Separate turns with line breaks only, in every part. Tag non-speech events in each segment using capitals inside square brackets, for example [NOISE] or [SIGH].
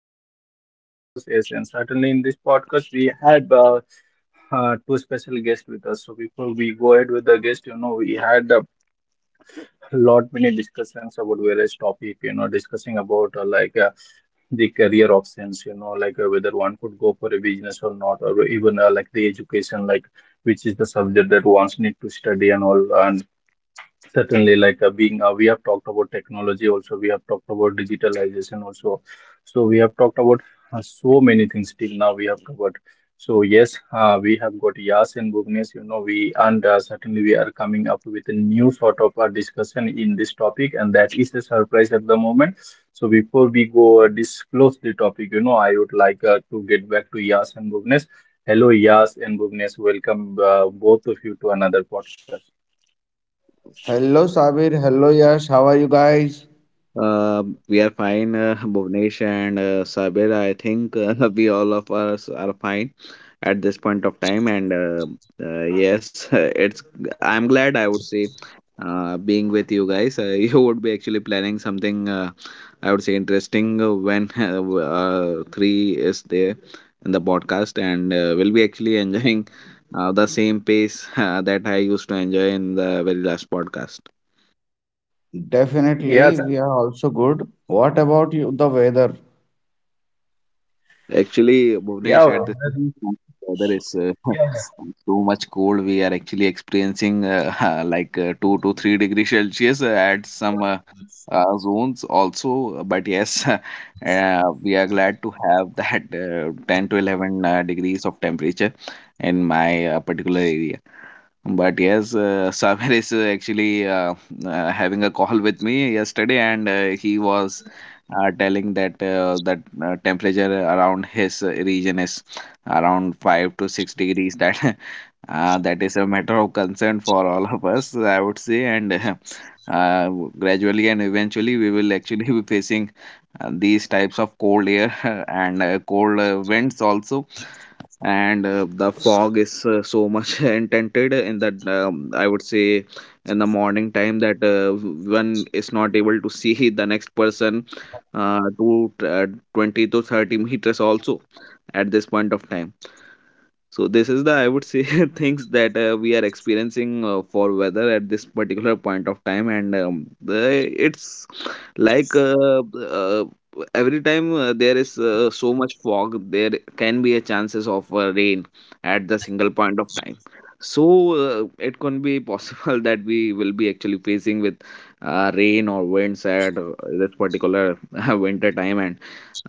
With another podcast. Yes, and certainly in this podcast, we had two special guests with us. So before we go ahead with the guest, you know, we had a lot many discussions about various topic. You know, discussing about like the career options. You know, like whether one could go for a business or not, or even like the education, like which is the subject that one's need to study and all. And certainly, like being, we have talked about technology also, we have talked about digitalization also. So, we have talked about so many things till now we have covered. So, yes, we have got Yas and Bhuvnes, you know, we and certainly we are coming up with a new sort of discussion in this topic, and that is a surprise at the moment. So, before we go disclose the topic, you know, I would like to get back to Yas and Bhuvnes. Hello, Yas and Bhuvnes, welcome both of you to another podcast.
Hello Sabir, hello Yash, how are you guys?
Uh, we are fine, Bhuvnesh and Sabir. I think [LAUGHS] we all of us are fine at this point of time. [LAUGHS] It's. I'm glad, I would say, being with you guys, [LAUGHS] you would be actually planning something. I would say interesting when [LAUGHS] three is there in the podcast, and we'll be actually enjoying the same pace [LAUGHS] that I used to enjoy in the very last podcast.
Definitely,
Yes.
we are also good. What about you, the weather?
Actually,
Yeah,
Bhuvnesh,
well,
at this moment, weather is
yeah,
[LAUGHS] too much cold. We are actually experiencing [LAUGHS] like 2 to 3 degrees Celsius at some zones also. But yes, [LAUGHS] we are glad to have [LAUGHS] that 10 to 11 degrees of temperature in my particular area. But yes, [LAUGHS] Saber is actually having a call with me yesterday, and he was telling that temperature around his region is around 5 to 6 degrees. That [LAUGHS] that is a matter of concern for all of us, I would say. And [LAUGHS] uh, Gradually and eventually, we will actually [LAUGHS] be facing these types of cold air [LAUGHS] and cold winds also, and the fog is so much [LAUGHS] intented in that, I would say, in the morning time that one is not able to [LAUGHS] see the next person to 20 to 30 meters also at this point of time. So this is the, I would say, [LAUGHS] things that we are experiencing for weather at this particular point of time. And the, it's like uh, every time there is so much fog, there can be a chances of rain at the single point of time. So it can be possible [LAUGHS] that we will be actually facing with rain or winds at this particular [LAUGHS] winter time. And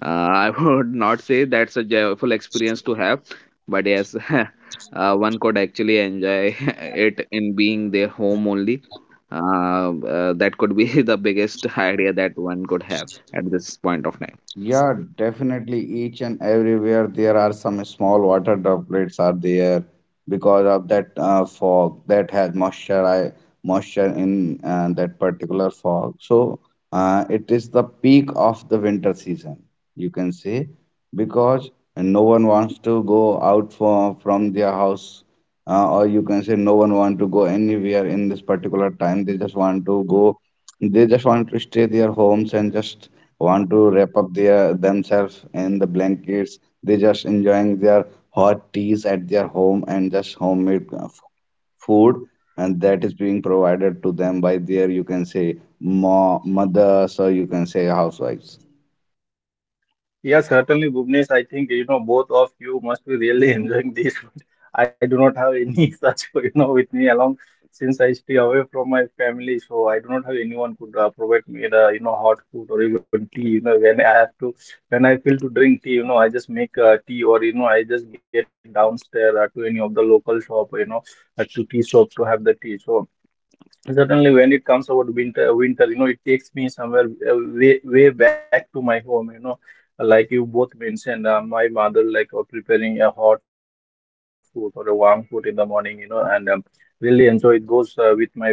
[LAUGHS] I would not say that's a joyful experience to have, but yes, [LAUGHS] one could actually enjoy [LAUGHS] it in being their home only. That could be [LAUGHS] the biggest idea that one could have at this point of time.
Yeah, definitely each and everywhere there are some small water droplets are there because of that fog that has moisture moisture in that particular fog. So it is the peak of the winter season, you can say, because no one wants to go out for, from their house or you can say no one want to go anywhere in this particular time. They just want to go, they just want to stay their homes and just want to wrap up their themselves in the blankets. They just enjoying their hot teas at their home and just homemade food, and that is being provided to them by their you can say mo mothers or you can say housewives.
yeah, certainly, Bhuvnesh. I think you know both of you must be really enjoying this. [LAUGHS] I do not have any [LAUGHS] such you know with me along, since I stay away from my family, so I do not have anyone could provide me the you know hot food or even tea. You know, when I feel to drink tea, you know I just make tea or you know I just get downstairs to any of the local shop, you know to tea shop to have the tea. So. Certainly, when it comes about winter, you know, it takes me somewhere way back to my home. You know, like you both mentioned, my mother like preparing a hot food or a warm food in the morning. You know, and really enjoy it. Goes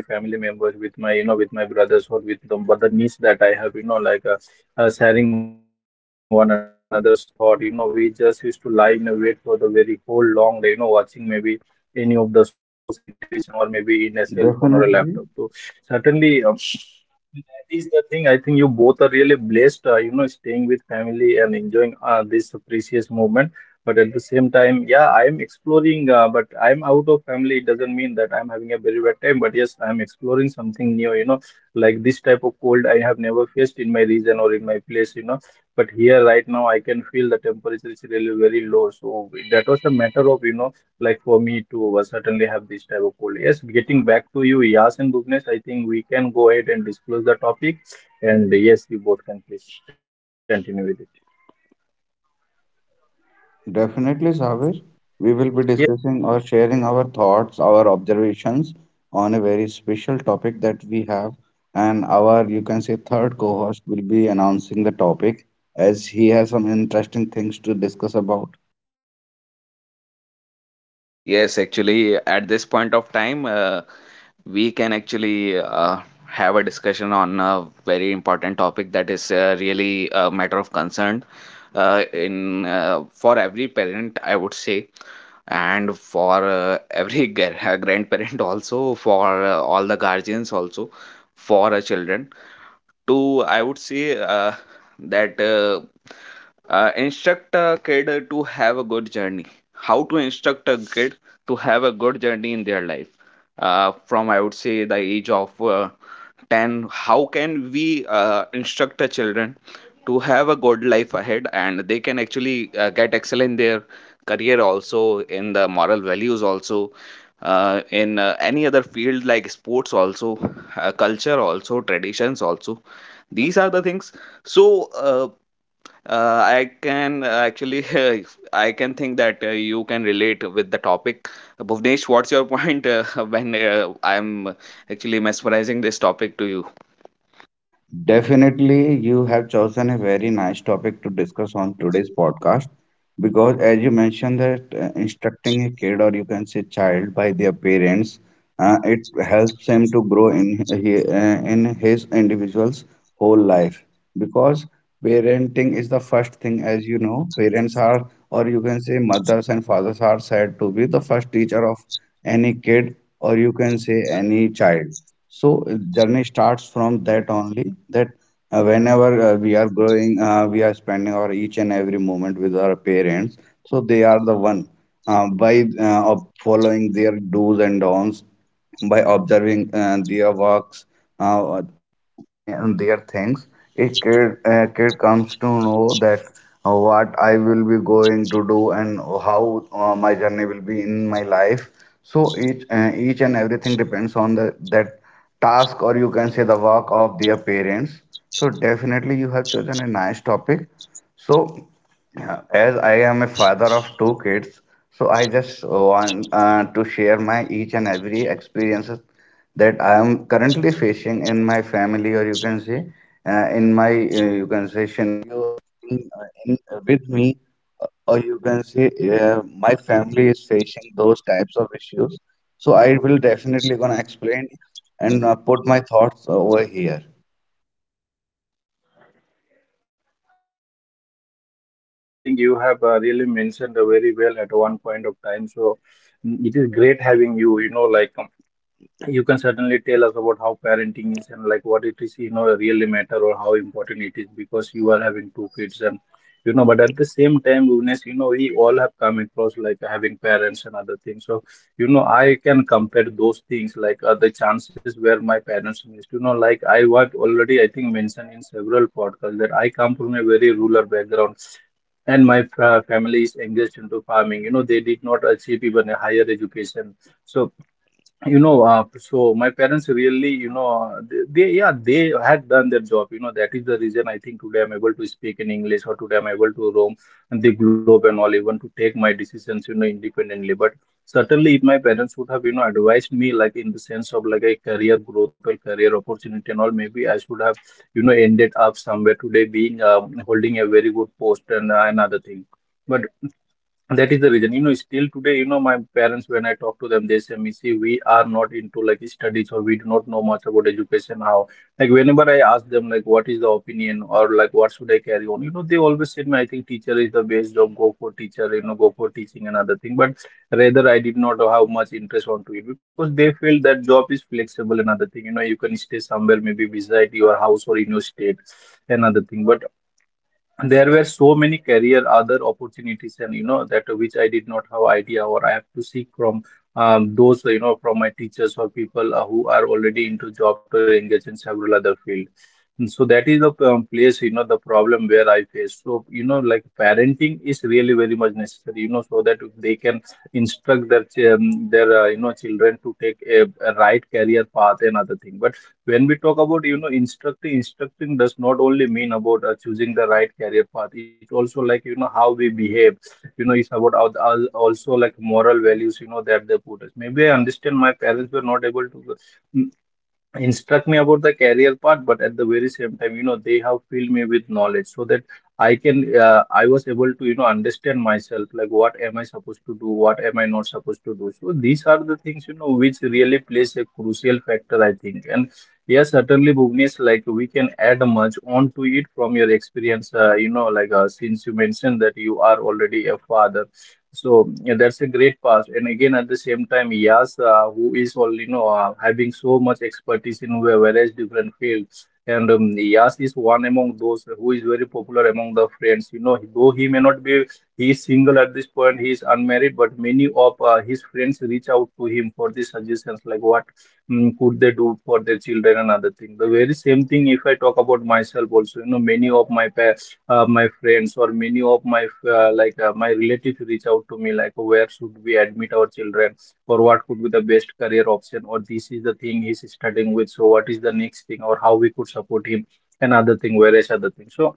with my family members, with my you know, with my brothers or with the other niece that I have. You know, like sharing one another's thought. You know, we just used to lie in a wait for the very whole long day. You know, watching maybe any of the source in television or maybe in a cell phone or a laptop.
Definitely.
So certainly, that is the thing. I think you both are really blessed, you know, staying with family and enjoying this precious moment. But at the same time, yeah, I am exploring, but I'm out of family. It doesn't mean that I'm having a very bad time, but yes, I'm exploring something know, like this type of cold I have never faced in my region or in my place, you know. But here right now, I can feel the temperature is really very low. So that was a matter of, you know, like for me to certainly have this type of cold. Yes, getting back to you, Yas and Bhuvnesh, I think we can go ahead and disclose the topic. And yes, you both can please continue with it.
Definitely, Savir. We will be
Yes,
discussing or sharing our thoughts, our observations on a very special topic that we have. And our, you can say, third co host will be announcing the topic as he has some interesting things to discuss about.
Yes, actually, at this point of time, we can actually have a discussion on a very important topic that is really a matter of concern in for every parent, I would say, and for every [LAUGHS] grandparent also, for all the guardians also, for our children to, I would say, that instruct a kid to have a good journey. How to instruct a kid to have a good journey in their life from, I would say, the age of 10. How can we instruct the children to have a good life ahead and they can actually get excel in their career also, in the moral values also, in any other field like sports also, culture also, traditions also. These are the things. So uh, I can actually [LAUGHS] I can think that you can relate with the topic. Bhuvnesh, what's your point [LAUGHS] when I'm actually mesmerizing this topic to you?
Definitely, you have chosen a very nice topic to discuss on today's podcast because, as you mentioned, that instructing a kid or you can say child by their parents, it helps him to grow in his individual's whole life because parenting is the first thing, as you know, parents are or you can say mothers and fathers are said to be the first teacher of any kid or you can say any child. So journey starts from that only, that whenever we are growing, we are spending our each and every moment with our parents. So they are the one, by of following their do's and don'ts, by observing their works. You can see my family is facing those types of issues. So I will definitely gonna explain and put my thoughts over here.
yeah, certainly, Bhuvnesh, I think you have really mentioned very well at one point of time. So mm, it is great having you, you know, like you can certainly tell us about how parenting is, and like what it is you know really matter or how important it is, because you are having two kids. And you know, but at the same time Bhuvnesh, you know we all have come across like having parents and other things. So you know, I can compare those things like the chances where my parents missed, you know, like I was already, I think, mentioned in several podcasts that I come from a very rural background, and my family is engaged into farming. You know, they did not achieve even a higher education. So, you know so my parents really you know they yeah they had done their job, you know, that is the reason I think today I'm able to speak in English or today I'm able to roam and the globe and all, even to take my decisions, you know, independently. But certainly if my parents would have, you know, advised me like in the sense of like a career growth or career opportunity and all, maybe I should have, you know, ended up somewhere today being holding a very good post and another thing. But that is the reason, you know, still today, you know, my parents, when I talk to them, they say, Missy, we are not into like studies, or we do not know much about education. How, like, whenever I ask them, like, what is the opinion, or like, what should I carry on, you know, they always said, me, I think teacher is the best job, go for teacher, you know, go for teaching and other thing. But rather, I did not have much interest onto it, because they feel that job is flexible, and other thing, you know, you can stay somewhere, maybe beside your house or in your state, another thing. But there were so many career other opportunities, and you know that, which I did not have idea or I have to seek from those you know from my teachers or people who are already into job or engaged in several other field. And so that is the place, you know, the problem where I face. So you know, like parenting is really very much necessary, you know, so that they can instruct their their you know children to take a right career path and other thing. But when we talk about, you know, instructing does not only mean about choosing the right career path. It's also like, you know, how we behave. You know, it's about also like moral values, you know, that they put us. Maybe I understand my parents were not able to instruct me about the career part, but at the very same time you know they have filled me with knowledge, so that I can I was able to you know understand myself, like what am I supposed to do, what am I not supposed to do. So these are the things, you know, which really plays a crucial factor I think. And yes, certainly Bhuvnesh, like we can add much on to it from your experience, you know, like since you mentioned that you are already a father, so yeah, that's a great pass. And again, at the same time, Yas, who is all you know having so much expertise in various different fields, and Yas is one among those who is very popular among the friends. You know, though he may not be, he is single at this point, he is unmarried, but many of his friends reach out to him for the suggestions, like what mm, could they do for their children and other thing. The very same thing, if I talk about myself also, you know, many of my friends or many of my like my relatives reach out to me like where should we admit our children, or what could be the best career option, or this is the thing he's studying with, so what is the next thing, or how we could support him and other thing, various other things. So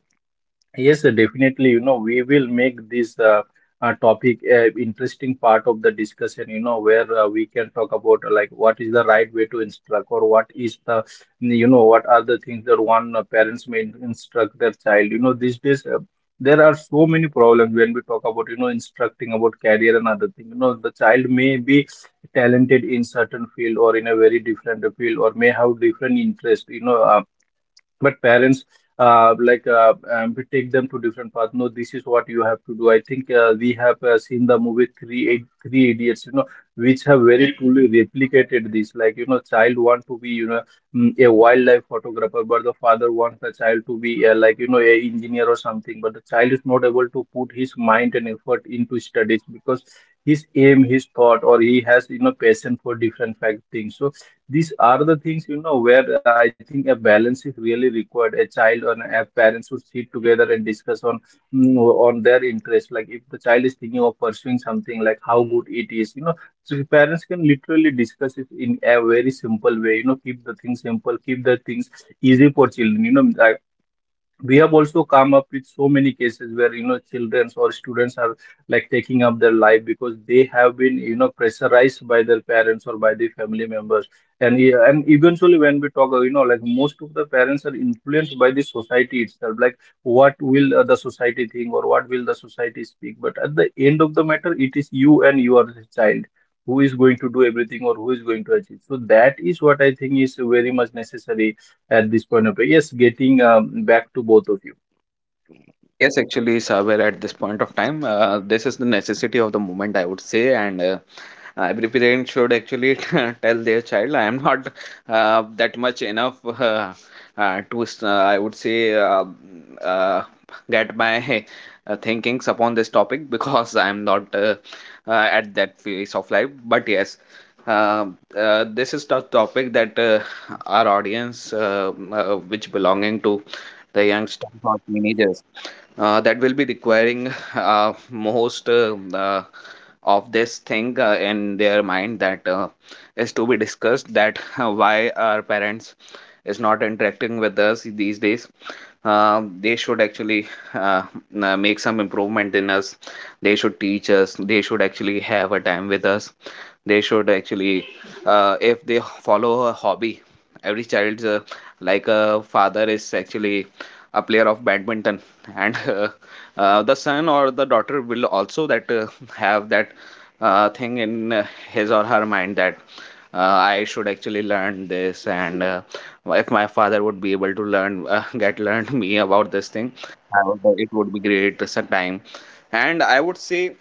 yes, sir, definitely. You know, we will make this topic interesting part of the discussion, you know, where we can talk about like what is the right way to instruct, or what is the, you know, what are the things that one parents may instruct their child. You know, these days there are so many problems when we talk about, you know, instructing about career and other things. You know, the child may be talented in certain field or in a very different field, or may have different interest, you know, but parents like we take them to different paths. No, this is what you have to do. I think we have seen the movie Three Idiots, you know, which have very truly replicated this. Like you know, child want to be you know mm, a wildlife photographer, but the father wants the child to be like you know a engineer or something. But the child is not able to put his mind and effort into studies because his aim, his thought, or he has you know passion for different fact things. So these are the things, you know, where I think a balance is really required. A child and a parent should sit together and discuss on mm, on their interest. Like if the child is thinking of pursuing something, like how good it is, so the parents can literally discuss it in a very simple way. You know, keep the things simple, keep the things easy for children. You know, I We have also come up with so many cases where children or students are like taking up their life because they have been pressurized by their parents or by the family members. And eventually when we talk, you know, like most of the parents are influenced by the society itself. Like what will the society think, or what will the society speak? But at the end of the matter, it is you and your child who is going to do everything, or who is going to achieve. So that is what I think is very much necessary at this point of, yes, getting back to both of you.
Yes, actually, somewhere at this point of time, this is the necessity of the moment, I would say, and every parent should actually [LAUGHS] tell their child, "I am not that much enough [LAUGHS] I would say, uh, get my [LAUGHS] thinkings upon this topic [LAUGHS] because I am not at that phase of life." But yes, uh, this is the topic that our audience, which belonging to the youngsters or teenagers that will be requiring [LAUGHS] most of this thing in their mind, that is to be discussed. That why our parents is not interacting with us these days. They should actually uh, make some improvement in us. They should teach us, they should actually have a time with us, they should actually, if they follow a hobby, every child's like, a father is actually a player of badminton, and [LAUGHS] the son or the daughter will also that [LAUGHS] have that thing in his or her mind that I should actually learn this, and if my father would be able to learn, [LAUGHS] get learned me about this thing, I would, it would be great sometime. And I would say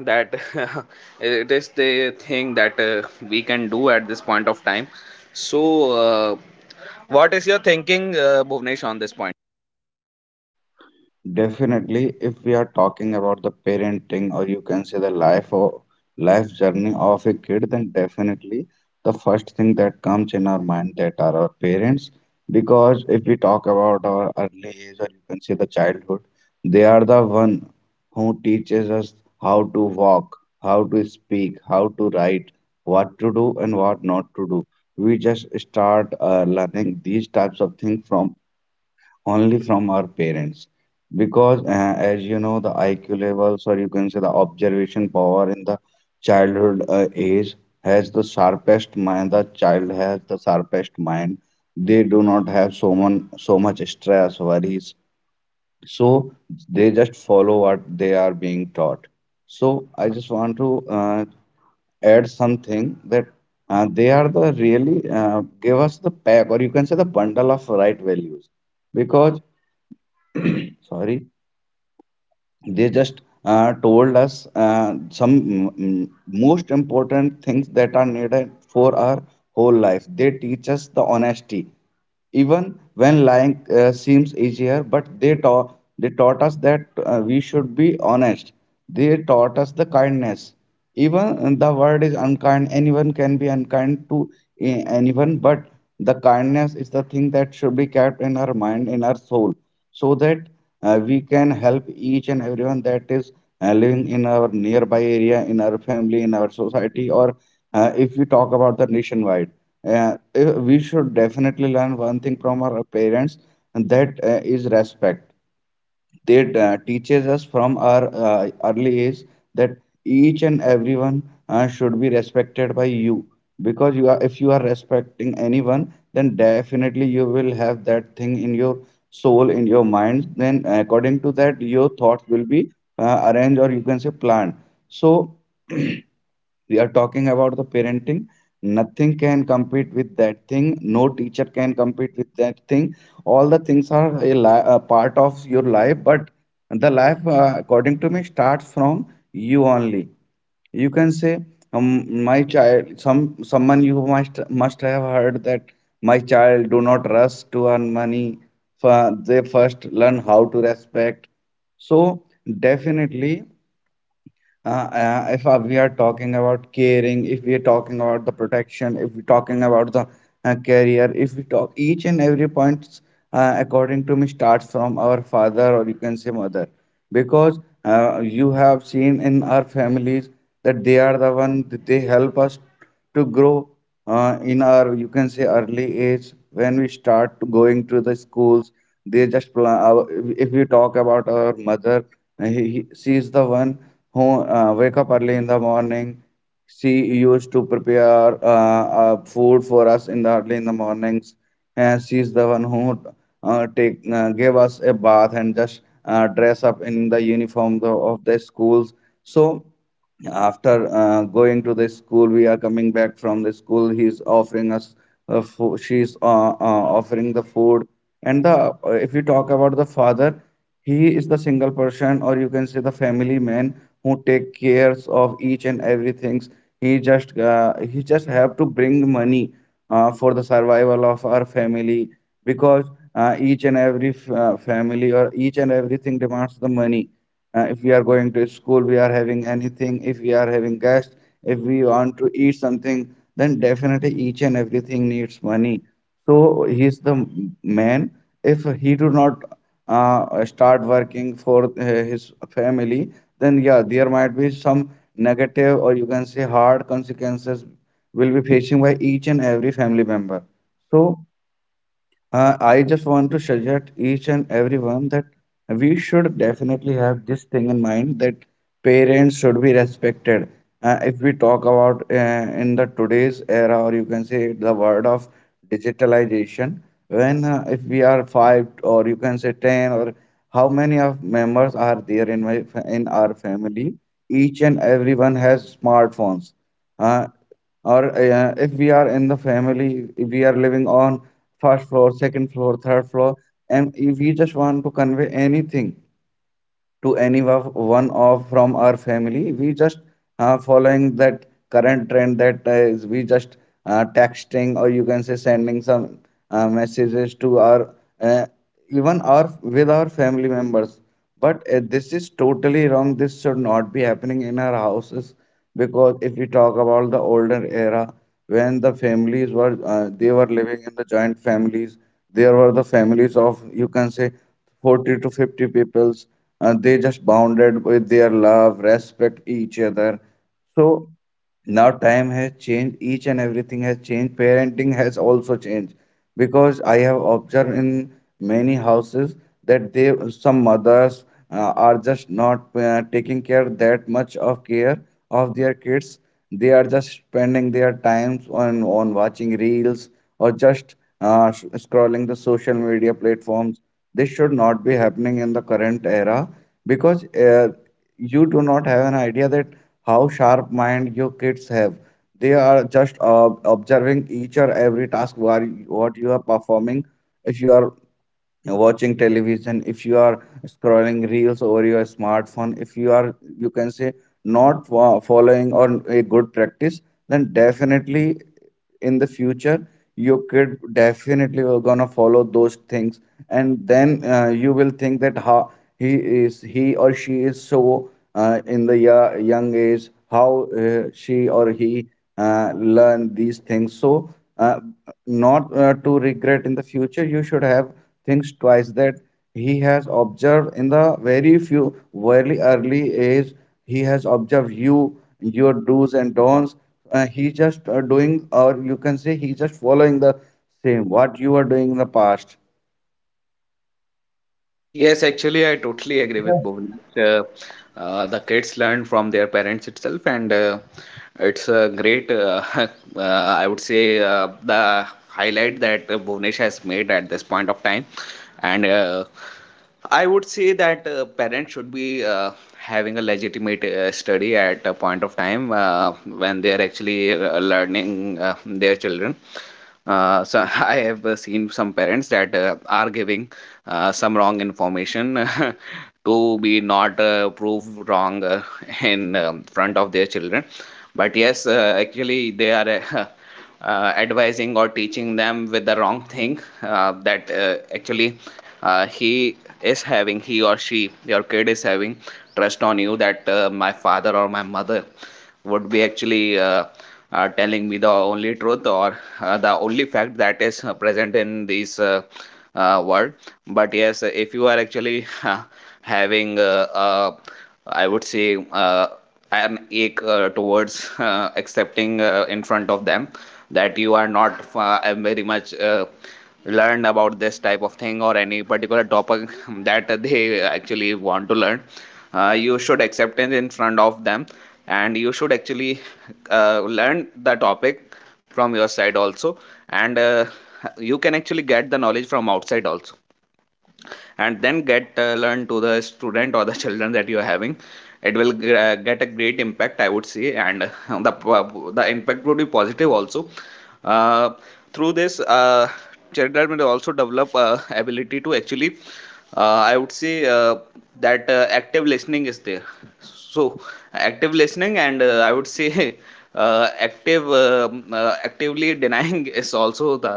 that [LAUGHS] it is the thing that we can do at this point of time. So what is your thinking, Bhuvnesh, on this point?
Definitely, if we are talking about the parenting, or you can say the life or life journey of a kid, then definitely the first thing that comes in our mind that are our parents. If we talk about our early age, or you can say the childhood, they are the one who teaches us how to walk, how to speak, how to write, what to do and what not to do. We just start learning these types of things from only from our parents, because as you know the IQ levels, or you can say the observation power in the childhood age, has the sharpest mind. The child has the sharpest mind. They do not have so much stress, worries. So they just follow what they are being taught. So I just want to add something, that they are the really, give us the pack, or you can say the bundle of right values, because, sorry, they just told us some most important things that are needed for our whole life. They teach us the honesty, even when lying seems easier, but they taught us that we should be honest. They taught us the kindness. Even the word is unkind, anyone can be unkind to anyone, but the kindness is the thing that should be kept in our mind, in our soul, so that we can help each and everyone that is living in our nearby area, in our family, in our society, or if we talk about the nationwide. We should definitely learn one thing from our parents, and that is respect. They teaches us from our early age that each and everyone should be respected by you, because you are, if you are respecting anyone, then definitely you will have that thing in your soul, in your mind, then according to that your thoughts will be arranged, or you can say planned. So [CLEARS THROAT] we are talking about the parenting. Nothing can compete with that thing. No teacher can compete with that thing. All the things are a part of your life, but the life, according to me, starts from you only. You can say, um, my child, someone you must have heard that, my child, do not rush to earn money. They first learn how to respect. So definitely if we are talking about caring, if we are talking about the protection, if we're talking about the career, if we talk each and every point, according to me, starts from our father, or you can say mother, because you have seen in our families that they are the one, that they help us to grow in our, you can say, early age, when we start going to the schools. They just plan. Our- If we talk about our mother, she is the one who wake up early in the morning. She used to prepare food for us in the early in the mornings, and she is the one who take gave us a bath and just dress up in the uniform, the, of the schools. So after going to the school, we are coming back from the school. He's offering us fo- She's offering the food. And the, if you talk about the father, he is the single person, or you can say the family man, who take cares of each and everything. He just he just have to bring money for the survival of our family. Because each and every family, or each and everything demands the money. If we are going to school, we are having anything, if we are having guests, if we want to eat something, then definitely each and everything needs money. So he's the man. If he do not start working for his family, then yeah, there might be some negative, or you can say hard consequences, will be facing by each and every family member. So I just want to suggest each and everyone that we should definitely have this thing in mind, that parents should be respected. If we talk about in the today's era, or you can say the word of digitalization, when if we are five, or you can say 10, or how many of members are there in my in our family, each and everyone has smartphones. Uh, or if we are in the family, if we are living on first floor, second floor, third floor, and if we just want to convey anything to one of from our family, we just following that current trend, that is we just texting, or you can say sending some messages to our, uh, even our, with our family members. But this is totally wrong. This should not be happening in our houses, because if we talk about the older era, when the families were, they were living in the joint families, there were the families of, you can say, 40 to 50 peoples. They just bonded with their love, respect each other. So now time has changed, each and everything has changed, parenting has also changed, because I have observed in many houses that they, some mothers are just not taking care, that much of care, of their kids. They are just spending their times on watching reels, or just scrolling the social media platforms. This should not be happening in the current era, because you do not have an idea that how sharp mind your kids have. They are just observing each or every task, where, what you are performing. If you are watching television, if you are scrolling reels over your smartphone, if you are, you can say, not fo- following or a good practice, then definitely in the future your kid definitely will gonna follow those things, and then you will think that how he or she is so in the young age, how she or he learn these things. So not to regret in the future, you should have thinks twice that he has observed in the very early age. He has observed you, your do's and don'ts. He just doing, or you can say he just following the same what you are doing in the past.
Yes, actually, I totally agree with Bhuvan. Uh, the kids learn from their parents itself, and it's a great, [LAUGHS] I would say, the highlight that Bhuvanesh has made at this point of time. And I would say that parents should be having a legitimate study at a point of time when they are actually learning their children. So [LAUGHS] I have seen some parents that are giving some wrong information [LAUGHS] to be not proved wrong [LAUGHS] in front of their children. But yes, actually they are uh, [LAUGHS] advising or teaching them with the wrong thing that actually he is having, he or she, your kid is having trust on you that my father or my mother would be actually telling me the only truth or the only fact that is present in this world. But yes, if you are actually [LAUGHS] having, uh, uh, I would say, an ache towards accepting in front of them that you are not very much learn about this type of thing or any particular topic [LAUGHS] that they actually want to learn. You should accept it in front of them, and you should actually learn the topic from your side also, and you can actually get the knowledge from outside also, and then get learn to the student or the [LAUGHS] children that you are having. It will get a great impact, I would say, and [LAUGHS] the the impact would be positive also. uh, Through this children will also develop ability to actually I would say that active listening is there. So active listening and I would say, [LAUGHS] actively denying [LAUGHS] is also the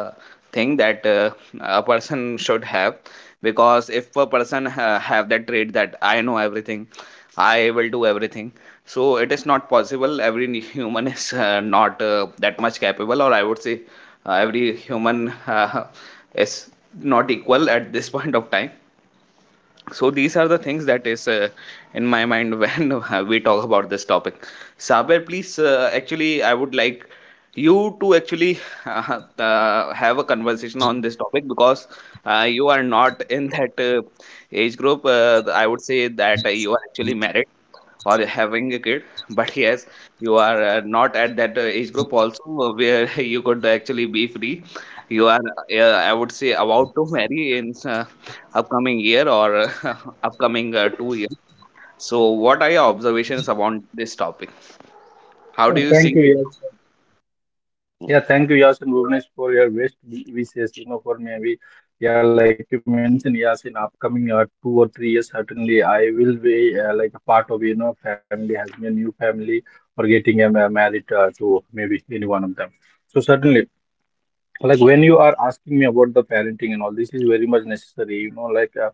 thing that a person should have. Because if a person have that trait that I know everything, I will do everything, so it is not possible. Every [LAUGHS] human is not that much capable, or I would say, every human [LAUGHS] is not equal at this [LAUGHS] point of time. So these are the things that is in my mind [LAUGHS] when we talk about this topic. Saber, please, actually I would like you to actually [LAUGHS] have a conversation on this topic, because you are not [LAUGHS] in that age group, I would say, that you are actually married or having a kid. But yes, you are not at that age group also, where [LAUGHS] you could actually be free. You are, I would say, about to marry in upcoming year or [LAUGHS] upcoming 2 years. So what are your observations about this topic? How do
Oh,
you see?
thank you, Yash. Yeah, thank you Yash and Bhuvnesh for your best wishes, you know, for maybe, yeah, like you mentioned, yes, in upcoming 2 or 3 years certainly I will be, like a part of, you know, family, having a new family or getting a married, to maybe any one of them. So certainly, like when you are asking me about the parenting and all, this is very much necessary, know, like uh,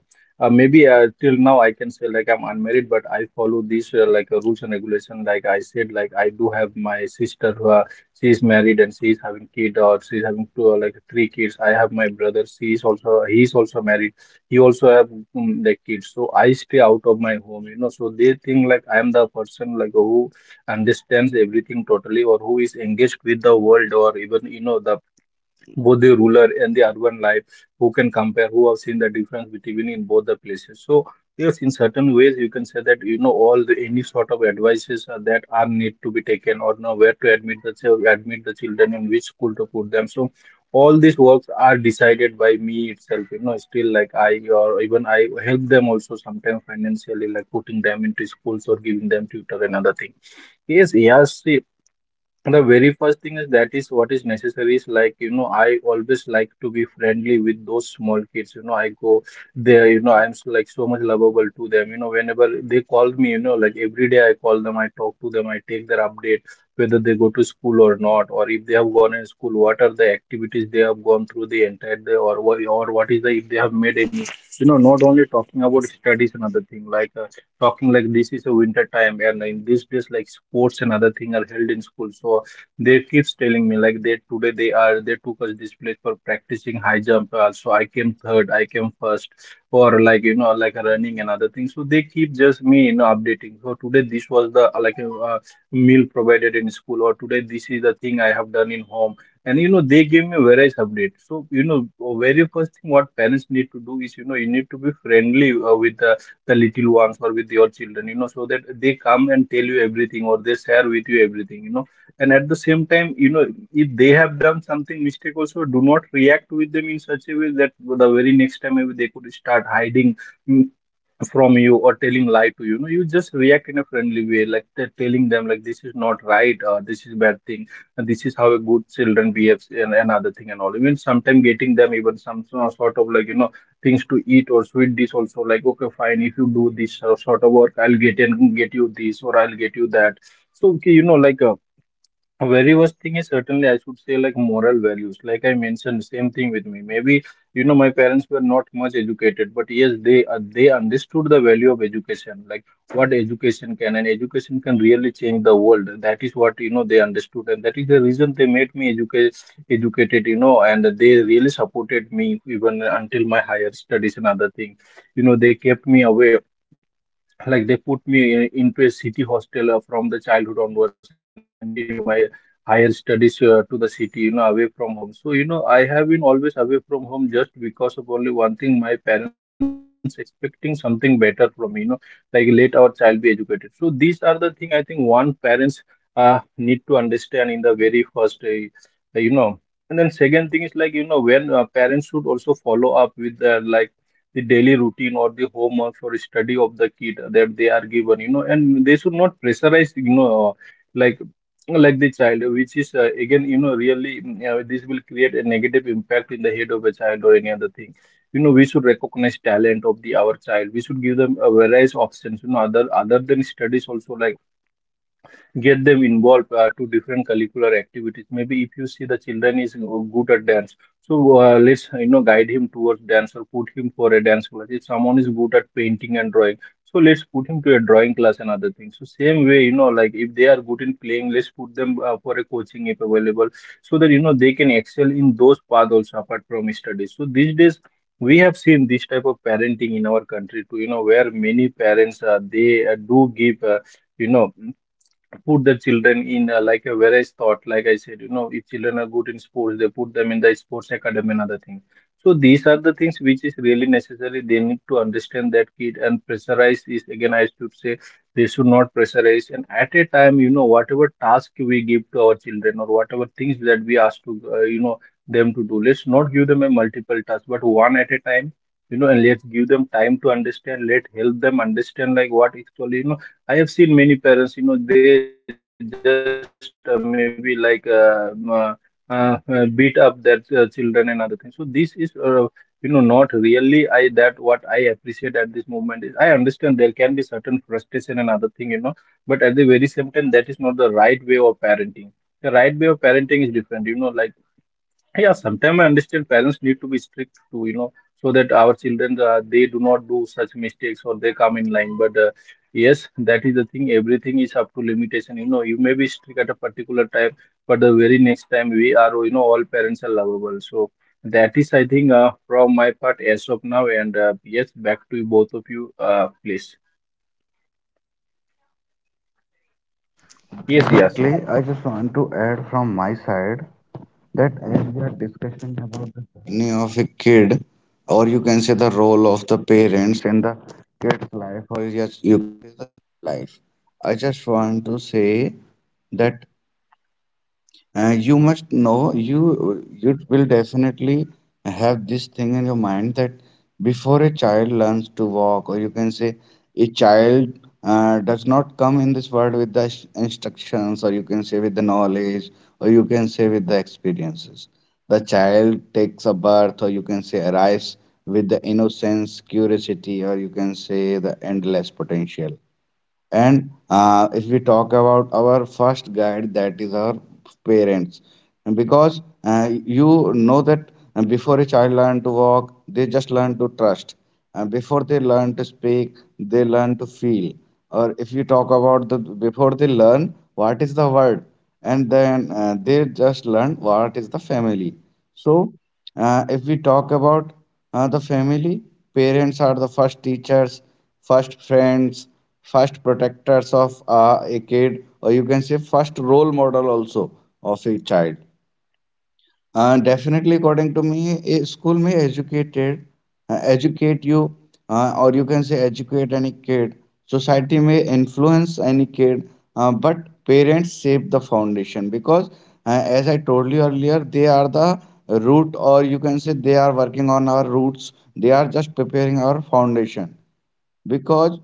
uh, maybe, till now I can say like I'm unmarried, but I follow these, like, rules and regulation. Like I said, I do have my sister who, she is married and she is having kid, or she is having two, like three kids. I have my brother. She is also, he is also married. He also have, the kids. So I stay out of my home, you know, so they think like I am the person like who understands everything totally, or who is engaged with the world, or even, you know, the both the rural and the urban life, who can compare, who have seen the difference between in both the places. So yes, in certain ways you can say that, you know, all the any sort of advices are that are need to be taken, or know where to admit the admit the children, in which school to put them. So all these works are decided by me itself, you know, still like I or even I help them also sometimes financially, like putting them into schools or giving them tutor and other things. Yes, yes. The very first thing is that is what is necessary is, like, you know, I always like to be friendly with those small kids. You know, I go there, you know, I'm so, like so much lovable to them. You know, whenever they call me, you know, like every day I call them, I talk to them, I take their update, whether they go to school or not, or if they have gone in school, what are the activities they have gone through the entire day, or what is the, if they have made any, you know, not only talking about studies and other thing, like, talking like this is a winter time, and in these days like sports and other thing are held in school. So they keeps telling me like, they today they are, they took us this place for practicing high jump. So I came third, I came first, or like, you know, like running and other things. So they keep just me, you know, updating. So today this was the, like, meal provided in school, or today this is the thing I have done in home. And you know, they give me various updates. So you know, very first thing what parents need to do is, you know, you need to be friendly with the little ones or with your children. You know, so that they come and tell you everything, or they share with you everything. You know, and at the same time, you know, if they have done something mistake also, do not react with them in such a way that the very next time maybe they could start hiding, mm, from you, or telling lie to you. You know, you just react in a friendly way, like telling them like, this is not right, or this is bad thing, and this is how a good children behaves and another thing and all. Even sometimes getting them even some sort of, like, you know, things to eat or sweet dish also, like, okay fine, if you do this sort of work, I'll get you this, or I'll get you that. So okay, you know, like. Very worst thing is certainly I should say like moral values. Like I mentioned, same thing with me. Maybe you know my parents were not much educated, but yes, they understood the value of education. Like what education can, and education can really change the world. That is what, you know, they understood, and that is the reason they made me educated. You know, and they really supported me even until my higher studies and other things. You know, they kept me away, like they put me into a city hostel from the childhood onwards, and then I continue my higher studies to the city, you know, away from home. So you know, I have been always away from home just because of only one thing, my parents expecting something better from me, you know, like let our child be educated. So these are the thing I think one parents need to understand in the very first, you know. And then second thing is, like, you know, when parents should also follow up with their, like, the daily routine or the homework or study of the kid that they are given, you know, and they should not pressurize, you know, like like the child, which is, again, you know, really, this will create a negative impact in the head of a child or any other thing. You know, we should recognize talent of the our child. We should give them a various options, you know, other than studies also, like get them involved to different curricular activities. Maybe if you see the children is good at dance, so, let's, you know, guide him towards dance, or put him for a dance class. If someone is good at painting and drawing, so let's put him to a drawing class and other things. So same way, you know, like if they are good in playing, let's put them for a coaching, if available, so that, you know, they can excel in those paths also apart from studies. So these days we have seen this type of parenting in our country too, you know, where many parents, they, do give, you know, put the children in, like, a various thought. Like I said, you know, if children are good in sports, they put them in the sports academy and other things. So these are the things which is really necessary. They need to understand that kid, and pressurize is, again I should say, they should not pressurize. And at a time, you know, whatever task we give to our children, or whatever things that we ask to, you know, them to do, let's not give them a multiple task, but one at a time. You know, and let's give them time to understand, let help them understand, like what actually, you know, I have seen many parents, you know, they just, maybe like beat up their children and other things. So this is, you know, not really I, that what I appreciate at this moment is I understand there can be certain frustration and other thing, you know, but at the very same time, that is not the right way of parenting. Is different, you know, like, yeah, sometimes I understand parents need to be strict to, you know, so that our children, they do not do such mistakes, or they come in line. But, yes, that is the thing. Everything is up to limitation. You know, you may be strict at a particular time, but the very next time we are, you know, all parents are lovable. So that is, I think, from my part as of now. And, yes, back to both of you, please. Yes, yes.
That You must know you will definitely have this thing in your mind that before a child learns to walk, or you can say a child, does not come in this world with the instructions, or you can say with the knowledge, or you can say with the experiences. The child takes a birth, or say arrives, with the innocence, curiosity, or you can say the endless potential. And if we talk about our first guide, that is our parents. Because you know that before a child learn to walk, they just learn to trust, and before they learn to speak, they learn to feel. Or if you talk about the before they learn what is the word, and then they just learn what is the family. So if we talk about the family, parents are the first teachers, first friends, first protectors of a kid, or you can say first role model also of a child. Definitely, according to me, a school may educated, educate you, or you can say educate any kid. Society may influence any kid, but parents shape the foundation because, as I told you earlier, they are the root, or you can say they are working on our roots. They are just preparing our foundation. Because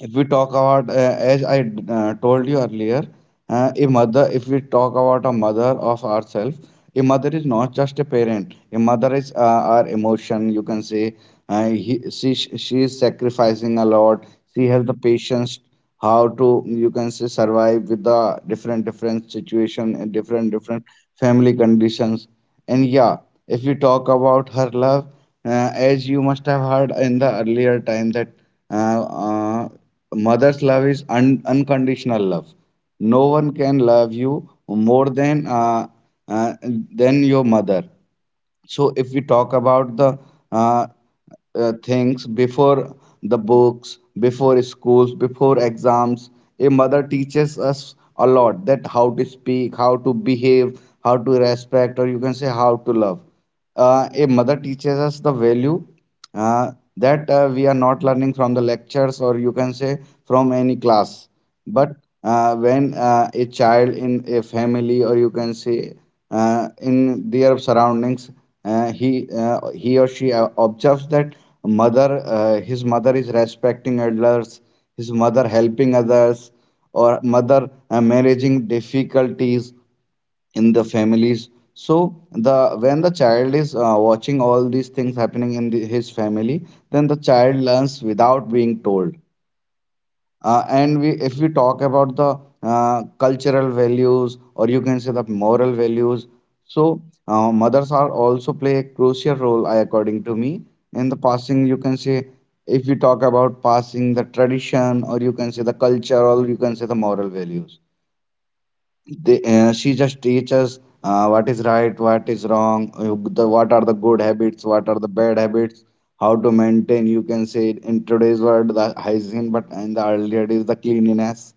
if we talk about, as I told you earlier, a mother, if we talk about a mother of ourselves, a mother is not just a parent. A mother is our emotion, you can say. She is sacrificing a lot. She has the patience how to, you can say, survive with the different, different situation and different, different family conditions. And yeah, if we talk about her love, as you must have heard in the earlier time that uh, uh, mother's love is unconditional love. No one can love you more uh, than your mother. So if we talk about the uh, things before the books, before schools, before exams, a mother teaches us a lot, that how to speak, how to behave, how to respect, or you can say how to love. A mother teaches us the value uh, that we are not learning from the lectures, or you can say from any class, but when a child in a family, or you can say in their surroundings, he or she observes that mother, his mother is respecting elders, his mother helping others, or mother managing difficulties in the families. So the when the child is watching all these things happening in the, his family, then the child learns without being told. And we if we talk about the cultural values, or you can say the moral values, so mothers are also play a crucial role, I according to me, in the passing, you can say, if we talk about passing the tradition, or you can say the culture, or you can say the moral values. She just teaches what is right, what is wrong, what are the good habits, what are the bad habits, how to maintain, you can say, in today's world the hygiene, but in the earlier days the cleanliness,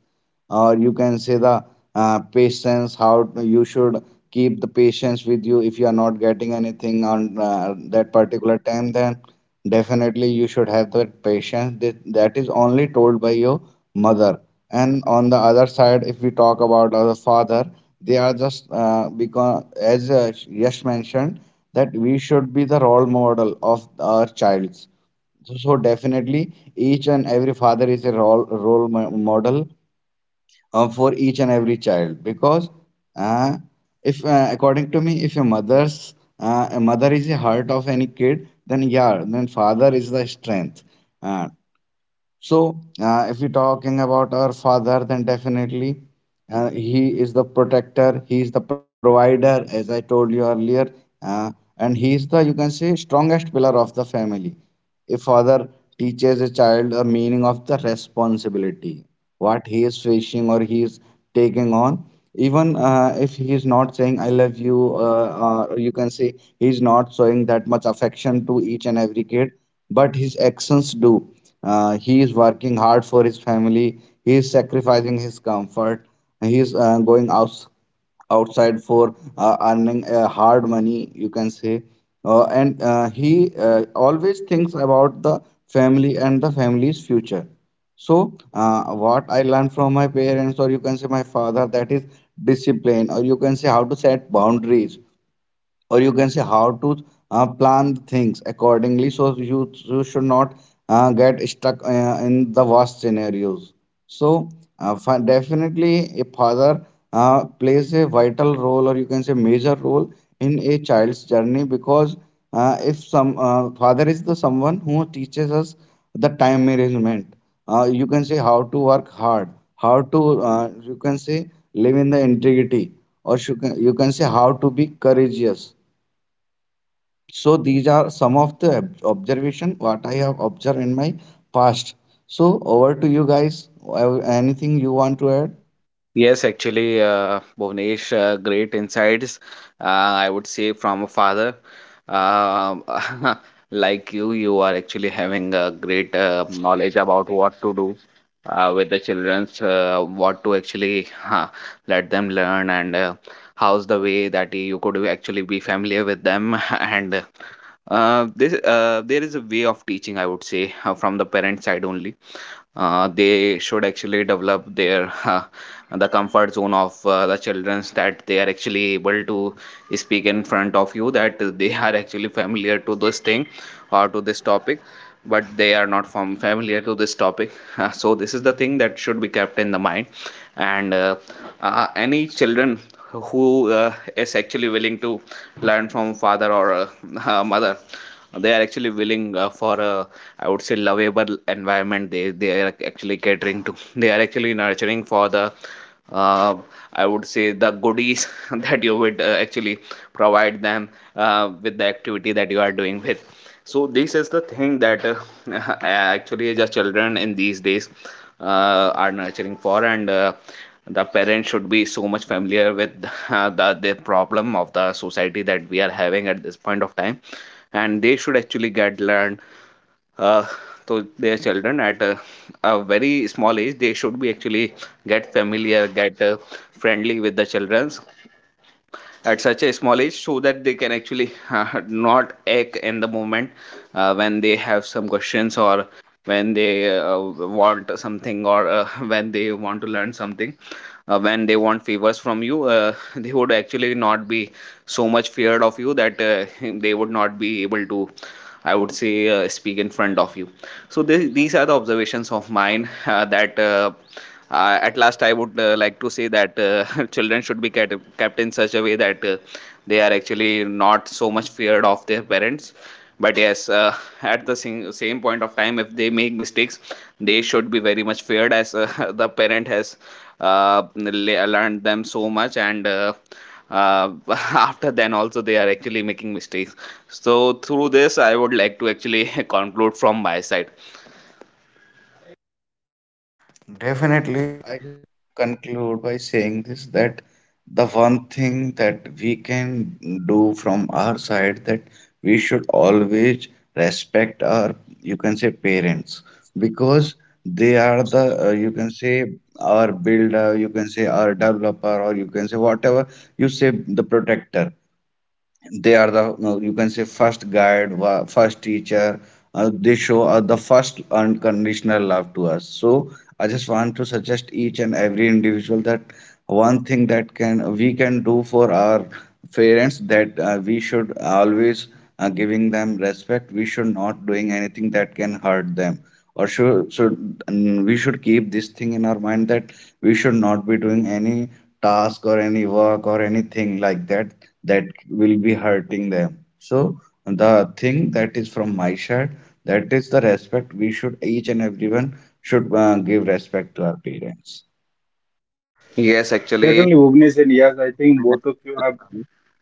or you can say the patience. How you should keep the patience with you. If you are not getting anything on that particular time, then definitely, you should have that patience. That is only told by your mother. And on the other side, if we talk about our father, they are just because, as Yash mentioned, that we should be the role model of our childs. So definitely, each and every father is a model for each and every child. Because uh, if according to me, if a mother is the heart of any kid, then yeah, then father is the strength. uh, so if we're talking about our father, then definitely he is the protector, he is the provider, as I told you earlier. uh, and he, you can say, strongest pillar of the family. A father teaches a child a meaning of the responsibility, what he is facing or he is taking on. Even if he is not saying "I love you," uh, you can say he is not showing that much affection to each and every kid, but his actions do. He is working hard for his family. He is sacrificing his comfort. He is going out outside for earning hard money, you can say. And he always thinks about the family and the family's future. So what I learned from my parents, or you can say my father, that is discipline, or you can say how to set boundaries, or you can say how to plan things accordingly, so you should not get stuck in the worst scenarios. So definitely a father plays a vital role, or you can say major role, in a child's journey. Because if some father is the someone who teaches us the time management, you can say how to work hard, how to you can say live in the integrity, or you can say how to be courageous. So these are some of the observation what I have observed in my past. So over to you guys. Anything you want to add?
Yes, actually, Bhuvnesh, great insights, uh, I would say, from a father. Um, [LAUGHS] like you are actually having a great knowledge about what to do with the childrens, what to actually let them learn, and how's the way that you could actually be familiar with them. [LAUGHS] And there is a way of teaching, I would say, from the parent side only. They should actually develop their [LAUGHS] the comfort zone of the childrens, that they are actually able to speak in front of you, that they [LAUGHS] are actually familiar to this thing or to this topic, but they are not from familiar to this topic. [LAUGHS] So this is the thing that should be kept in the mind. And any children who is actually willing to learn from father or [LAUGHS] mother, they are actually willing for a, I would say, lovable environment. They are actually catering to, they are actually nurturing for the, uh, I would say, the goodies [LAUGHS] that you would actually provide them with the activity that you are doing with. So this is the thing that [LAUGHS] actually the children in these days are nurturing for. And the parents should be so much familiar with [LAUGHS] the problem of the society that we are having at this point of time, and they should actually get learned uh, to their children at a very small age. They should be actually get familiar, get friendly with the children at such a small age, so that they can actually not act in the moment when they have some questions, or when they want something, or [LAUGHS] when they want to learn something, when they want favors from you, [LAUGHS] they would actually not be so much feared of you, that [LAUGHS] they would not be able to, I would say, speak in front of you. So these are the observations of mine, [LAUGHS] that at last I would like to say that, [LAUGHS] children should be kept in such a way that they are actually not so much feared of their parents. But yes, [LAUGHS] at the same point of time, if they make mistakes, they should be very much feared, as [LAUGHS] the parent has learned them so much, and uh, [LAUGHS] after then also they are actually making mistakes. So through this I would like to actually [LAUGHS] conclude from my side.
The one thing that we can do from our side, that we should always respect our, you can say, parents. Because they are the you can say our builder, you can say our developer, or you can say whatever you say, the protector, the you can say first guide, first teacher. They show the first unconditional love to us. So I just want to suggest each and every individual that one thing that can we can do for our parents, that we should always giving them respect. We should not doing anything that can hurt them. Or should and we should keep this thing in our mind that we should not be doing any task or any work or anything like that that will be hurting them. So the thing that is from my side, that is the respect, we should each and everyone should give respect to our parents.
Yes, actually,
Certainly, Bhuvnesh and Yas, I think both of you have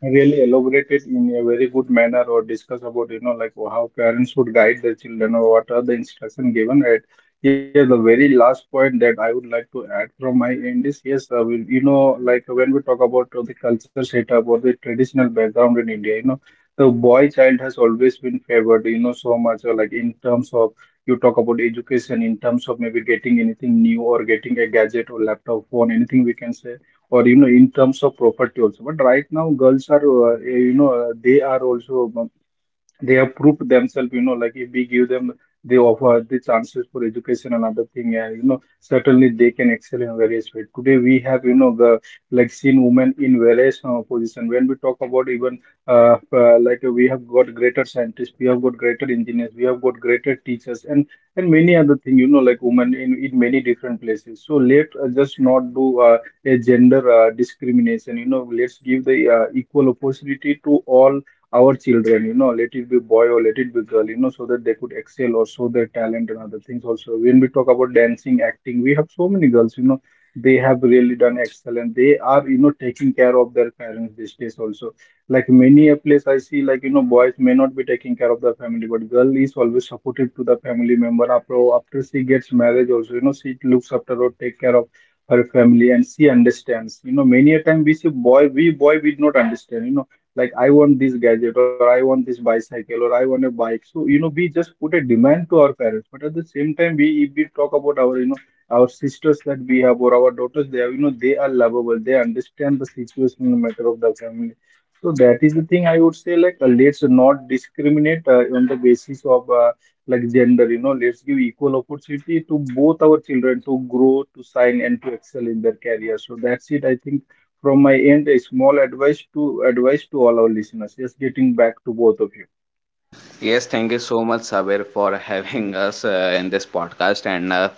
really elaborated in a very good manner, or discussed about, you know, like how parents would guide their children, or what are the instruction given. And yeah, the very last point that I would like to add from my end is yes, we, you know, like when we talk about the culture setup or the traditional background in India, you know, the boy child has always been favored, you know, so much like in terms of you talk about education, in terms of maybe getting anything new or getting a gadget or laptop phone, anything we can say or you know in terms of property also. But right now girls are they are also they have proved themselves, you know, like if we give them they offer the chances for education and other thing. And you know certainly they can excel in various ways. Today we have, you know, the like seen women in various position when we talk about even we have got greater scientists, we have got greater engineers, we have got greater teachers and many other thing, you know, like women in many different places. So let just not do a gender discrimination. You know, let's give the equal opportunity to all our children, you know, let it be boy or let it be girl, you know, so that they could excel or show their talent and other things also. When we talk about dancing, acting, we have so many girls, you know, they have really done excellent. They are, you know, taking care of their parents these days also. Like many a place I see, like, you know, boys may not be taking care of their family, but girl is always supportive to the family member. After she gets married also, you know, she looks after or take care of her family, and she understands. You know, many a time we see boy, we do not understand, you know, like I want this gadget or I want this bicycle or I want a bike. So, you know, we just put a demand to our parents. But at the same time, we if we talk about our, you know, our sisters that we have or our daughters they have, you know, they are lovable. They understand the situational matter of the family. So that is the thing I would say. Like, let's not discriminate on the basis of like gender. You know, let's give equal opportunity to both our children to grow, to shine, and to excel in their career. So that's it. I think from my end a small advice to advice to all our listeners. Just getting back to both of you,
yes, thank you so much Saber for [LAUGHS] having us in this podcast, and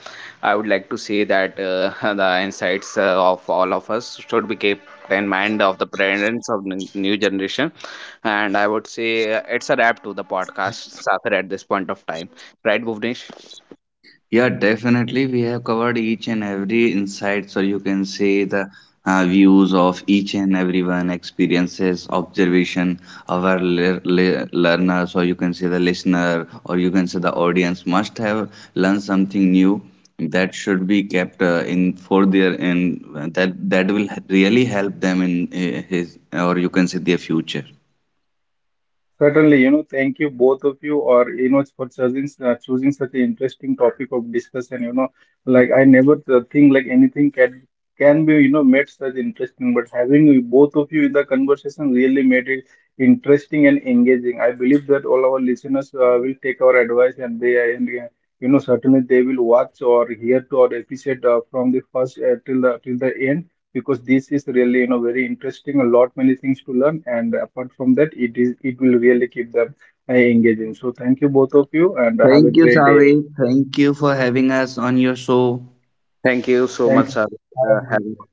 I would like to say that [LAUGHS] the insights of all of us should be kept in mind of the parents of new generation. And I would say it's a wrap to the podcast, Saber, at this point of time. Right, Bhuvnesh?
Yeah, definitely. We have covered each and every insights, or you can say the views of each and everyone, experiences, observation of our learners, or you can say the listener, or you can say the audience must have learned something new that should be kept in for their in that that will really help them in his, or you can say their future.
certainly, you know, thank you both of you or you know for choosing choosing such an interesting topic of discussion. You know, like I never think like anything can be, you know, made such interesting, but having both of you in the conversation really made it interesting and engaging. I believe that all our listeners will take our advice, and they and you know certainly they will watch or hear to or appreciate from the first till the end, because this is really, you know, very interesting, a lot many things to learn. And apart from that, it will really keep them engaging. So thank you both of you and have a
Thank you,
great day.
Savi. Thank you for having us on your show.
Thank you so
Thank
much,
you.
sir.
Have a great
Having
day.